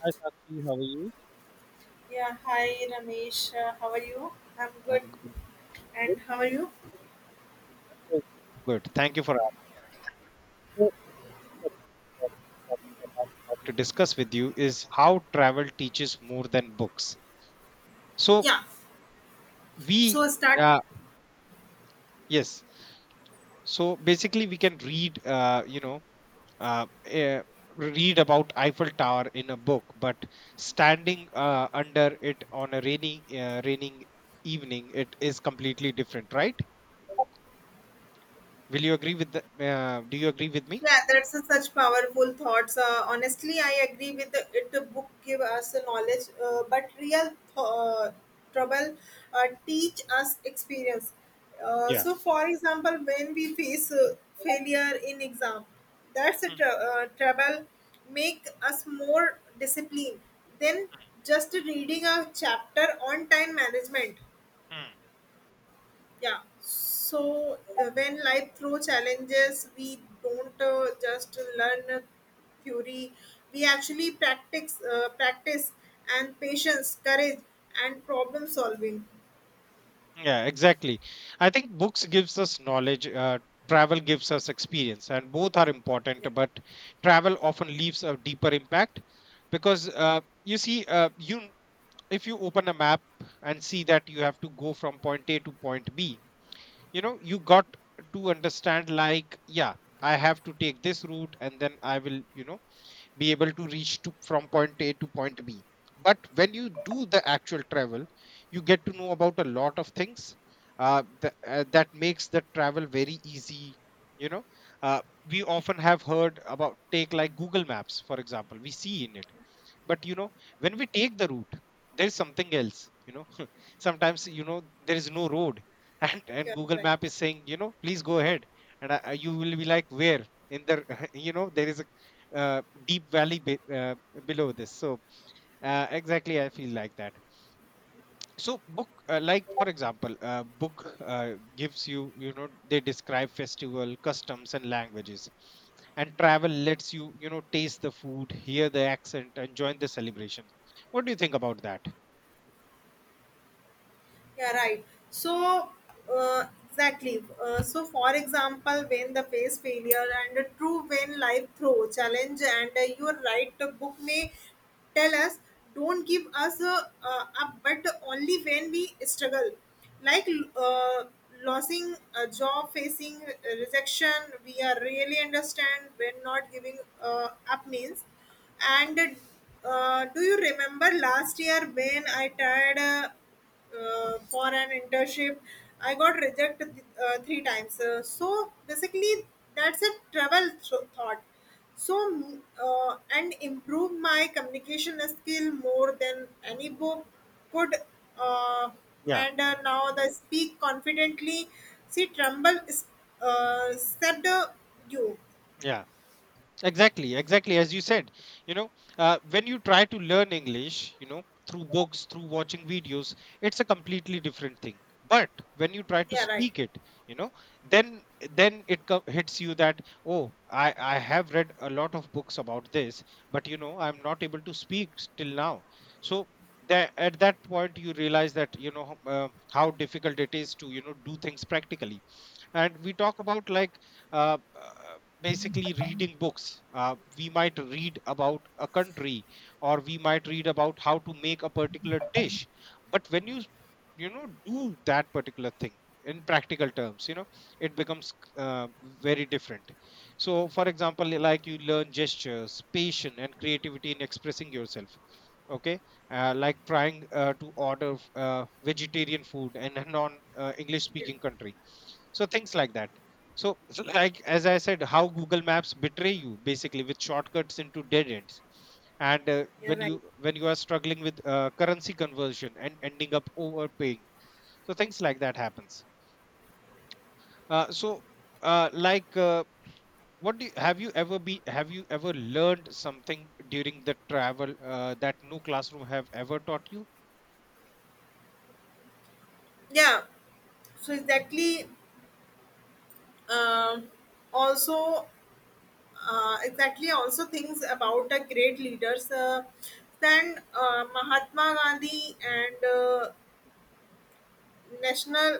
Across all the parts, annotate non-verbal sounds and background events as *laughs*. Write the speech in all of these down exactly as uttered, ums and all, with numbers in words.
Hi, Sakshi. How are you? Yeah, hi Ramesh. Uh, how are you? I'm good. I'm good. Good. And how are you? good. Good. Thank you for asking. So, in this particular topic that I would like to discuss with you is how travel teaches more than books. So Yeah. we, So start. uh, yes. So basically, we can read, uh, you know, uh, eh, read about Eiffel Tower in a book, but standing uh, under it on a rainy, uh, raining evening, it is completely different, right? Will you agree with the? Uh, do you agree with me? Yeah, that's a such powerful thoughts. Uh, honestly, I agree with the, it. The book give us the knowledge, uh, but real uh, trouble uh, teach us experience. Uh, Yeah. so, for example, when we face uh, failure in exam, that's a Mm, tr- uh, trouble make us more disciplined than mm, just reading a chapter on time management. mm. Yeah, so uh, when life throw challenges we don't uh, just learn a theory, we actually practice uh, practice and patience courage and problem solving. Yeah, exactly. I think books gives us knowledge, uh, travel gives us experience, and both are important. But travel often leaves a deeper impact because uh, you see, uh, you if you open a map and see that you have to go from point A to point B, you know, you got to understand like, yeah, I have to take this route, and then I will, you know, be able to reach to from point A to point B. But when you do the actual travel, you get to know about a lot of things uh, th- uh, that makes the travel very easy. You know, uh, we often have heard about take like Google Maps, for example. We see in it, but you know, when we take the route, there's something else. You know, sometimes, you know, there is no road *laughs* and and Yeah, Google right. map is saying, you know, please go ahead, and I, I- you will be like, where in the *laughs* you know, there is a uh, deep valley be, uh, below this. So uh, exactly, I feel like that. So book uh, like, for example, uh, book, uh, gives you, you know, they describe festival customs and languages, and travel lets you, you know, taste the food, hear the accent and join the celebration. What do you think about that? Yeah, right. So, uh, exactly. Uh, so, for example, when the face failure and a true, when life throw challenge, and uh, your right, the book may tell us, don't give us uh, uh, up, but only when we struggle. Like uh, losing a job, facing rejection, we are really understand when not giving uh, up means. And uh, do you remember last year when I tried? Uh, uh, for an internship. I got rejected uh, three times. Uh, so basically, that's a travel th- thought. So mm, uh, and improve my communication skill more than any book could. Uh, yeah and uh, now the speak confidently. See, tremble is uh, said uh, you. yeah Exactly, exactly. As you said, you know, uh, when you try to learn English, you know, through books, through watching videos, it's a completely different thing. But when you try to Yeah, right. speak it, you know, then then it co- hits you that, oh, I I have read a lot of books about this, but you know, I'm not able to speak till now. So that at that point you realize that you know h- uh, how difficult it is to, you know, do things practically. And we talk about like, uh, uh, basically reading books uh, we might read about a country or we might read about how to make a particular dish, but when you you know, do that particular thing in practical terms, you know, it becomes uh, very different. So for example, like, you learn gestures, patience and creativity in expressing yourself. Okay. Uh, like trying uh, to order f- uh, vegetarian food in a non uh, English speaking country. So things like that. So, so like as I said, how Google Maps betray you basically with shortcuts into dead ends, and uh, Yeah, when right. you, when you are struggling with uh, currency conversion and ending up overpaying. So things like that happens. uh, so uh, like uh, what do you, have you ever be have you ever learned something during the travel uh, that no classroom have ever taught you? Yeah. So exactly. Um, Also. Uh, exactly also things about the great leaders, uh, then uh, Mahatma Gandhi and uh, national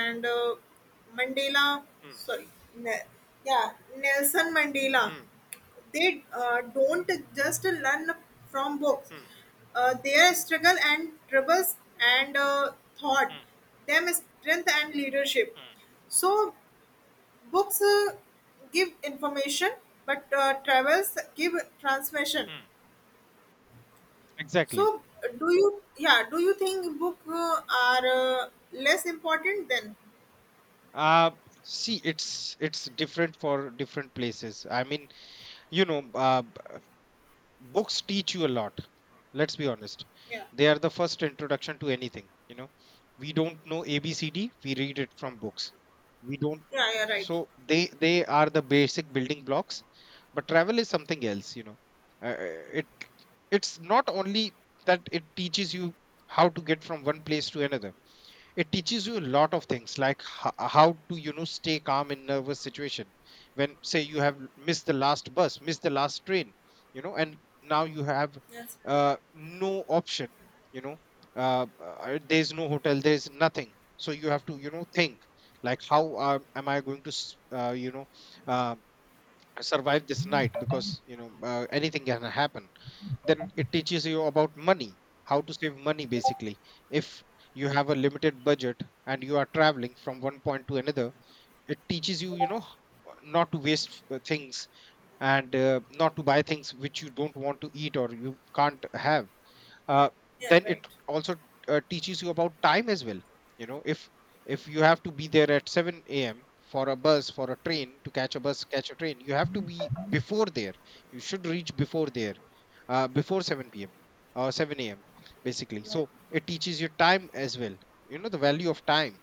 and uh, Mandela, Hmm. sorry, ne- yeah, Nelson Mandela. Hmm. They uh, don't just learn from books. Hmm. Uh, their struggle and troubles and uh, thought Hmm. them strength and leadership. Hmm. So books uh, give information, but uh, travels give transmission. mm. Exactly. So, do you, yeah, do you think book uh, are uh, less important than? Uh, See, it's it's different for different places. I mean, you know, uh, b- uh, books teach you a lot. Let's be honest. Yeah, They are the first introduction to anything. You know, we don't know A B C D. We read it from books. We don't. yeah, yeah, right. So they they are the basic building blocks. But travel is something else. You know, uh, it, it's not only that it teaches you how to get from one place to another, it teaches you a lot of things like ho- how to, you know, stay calm in nervous situation, when say you have missed the last bus, missed the last train, you know, and now you have Yes, uh, no option. You know, uh, uh, there's no hotel, there's nothing, so you have to, you know, think like how uh, am I going to s- uh, you know, uh, survive this night, because you know, uh, anything can happen. Then it teaches you about money, how to save money basically, if you have a limited budget and you are traveling from one point to another. It teaches you, you know, h- not to waste uh, things, and uh, not to buy things which you don't want to eat or you can't have. uh, yeah, then right. it also uh, teaches you about time as well. You know, if if you have to be there at seven a.m for a bus, for a train, to catch a bus, catch a train, you have to be before there, you should reach before there, uh, before seven p.m or seven a.m basically. So it teaches you time as well, you know, the value of time.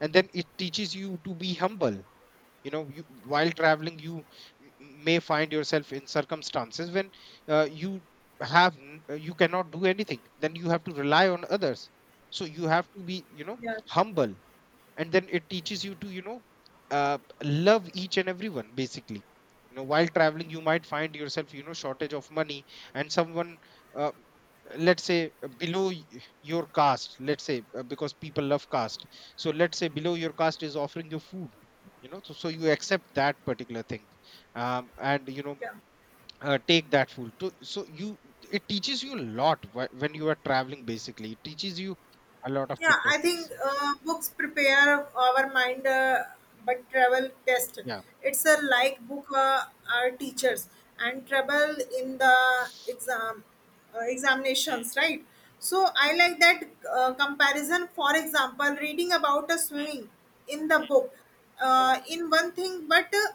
And then it teaches you to be humble. You know, you, while traveling, you m- m- may find yourself in circumstances when uh, you have n- uh, you cannot do anything, then you have to rely on others. So you have to be, you know, Yeah, humble. And then it teaches you to, you know, uh, love each and everyone basically. You know, while traveling you might find yourself, you know, shortage of money, and someone, uh, let's say, uh, below y- your caste, let's say, uh, because people love caste. So let's say below your caste is offering you food, you know, so, so you accept that particular thing. Um, and you know, yeah. uh, take that food to. So you, it teaches you a lot wh- when you are traveling. Basically it teaches you a lot of Yeah, I different think things. uh, books prepare our mind, uh, but travel test. Yeah. It's a like book, uh, our Hmm, teachers and travel in the exam, uh, hmm. examinations, right? So I like that uh, comparison. For example, reading about a swimming in the book, uh, in one thing, but uh,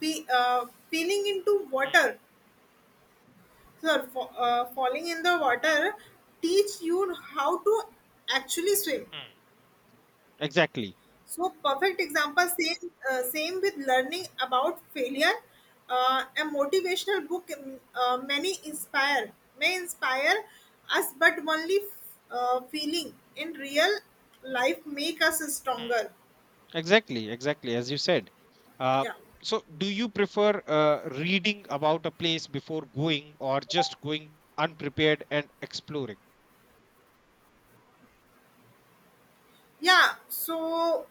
fe- uh, feeling into Hmm, water, so fa- uh, falling in the water, teach you how to actually swim. hmm. Exactly. So perfect example, same uh, same with learning about failure. Uh, a motivational book um, uh, many inspire may inspire us, but only uh, feeling in real life make us Hmm. stronger. Exactly. Exactly. As you said. Uh, Yeah, so, do you prefer uh, reading about a place before going or just going unprepared and exploring? yeah. So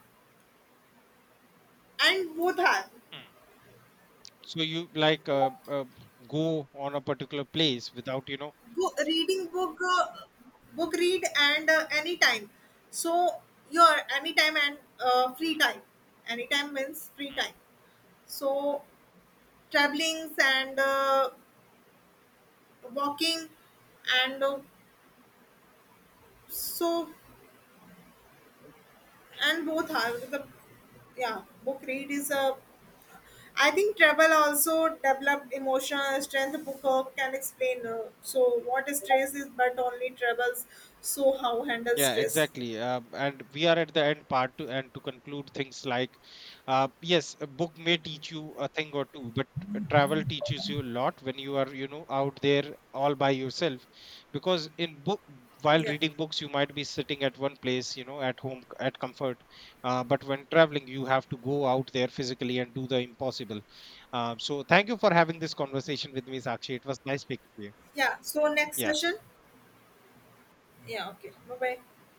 and both are Hmm. So, you like uh, uh, go on a particular place without, you know, book, reading book uh, book read and uh, anytime. So your anytime and uh, free time. Anytime means free time. So travelings and uh, walking and uh, so and both are the, yeah, book read is a, I think travel also developed emotional strength. Book uh, can explain uh, so what stress is, but only travels so how handle yeah, stress. exactly. Uh, and we are at the end part to, and to conclude things like, uh, yes, a book may teach you a thing or two, but uh, travel teaches you a lot when you are, you know, out there all by yourself. Because in book, while Yeah, reading books, you might be sitting at one place, you know, at home, c- at comfort. Uh, but when traveling, you have to go out there physically and do the impossible. Um, so thank you for having this conversation with me, Sakshi. It was nice speaking to you. yeah, so next Yeah. session. Yeah, okay, bye bye.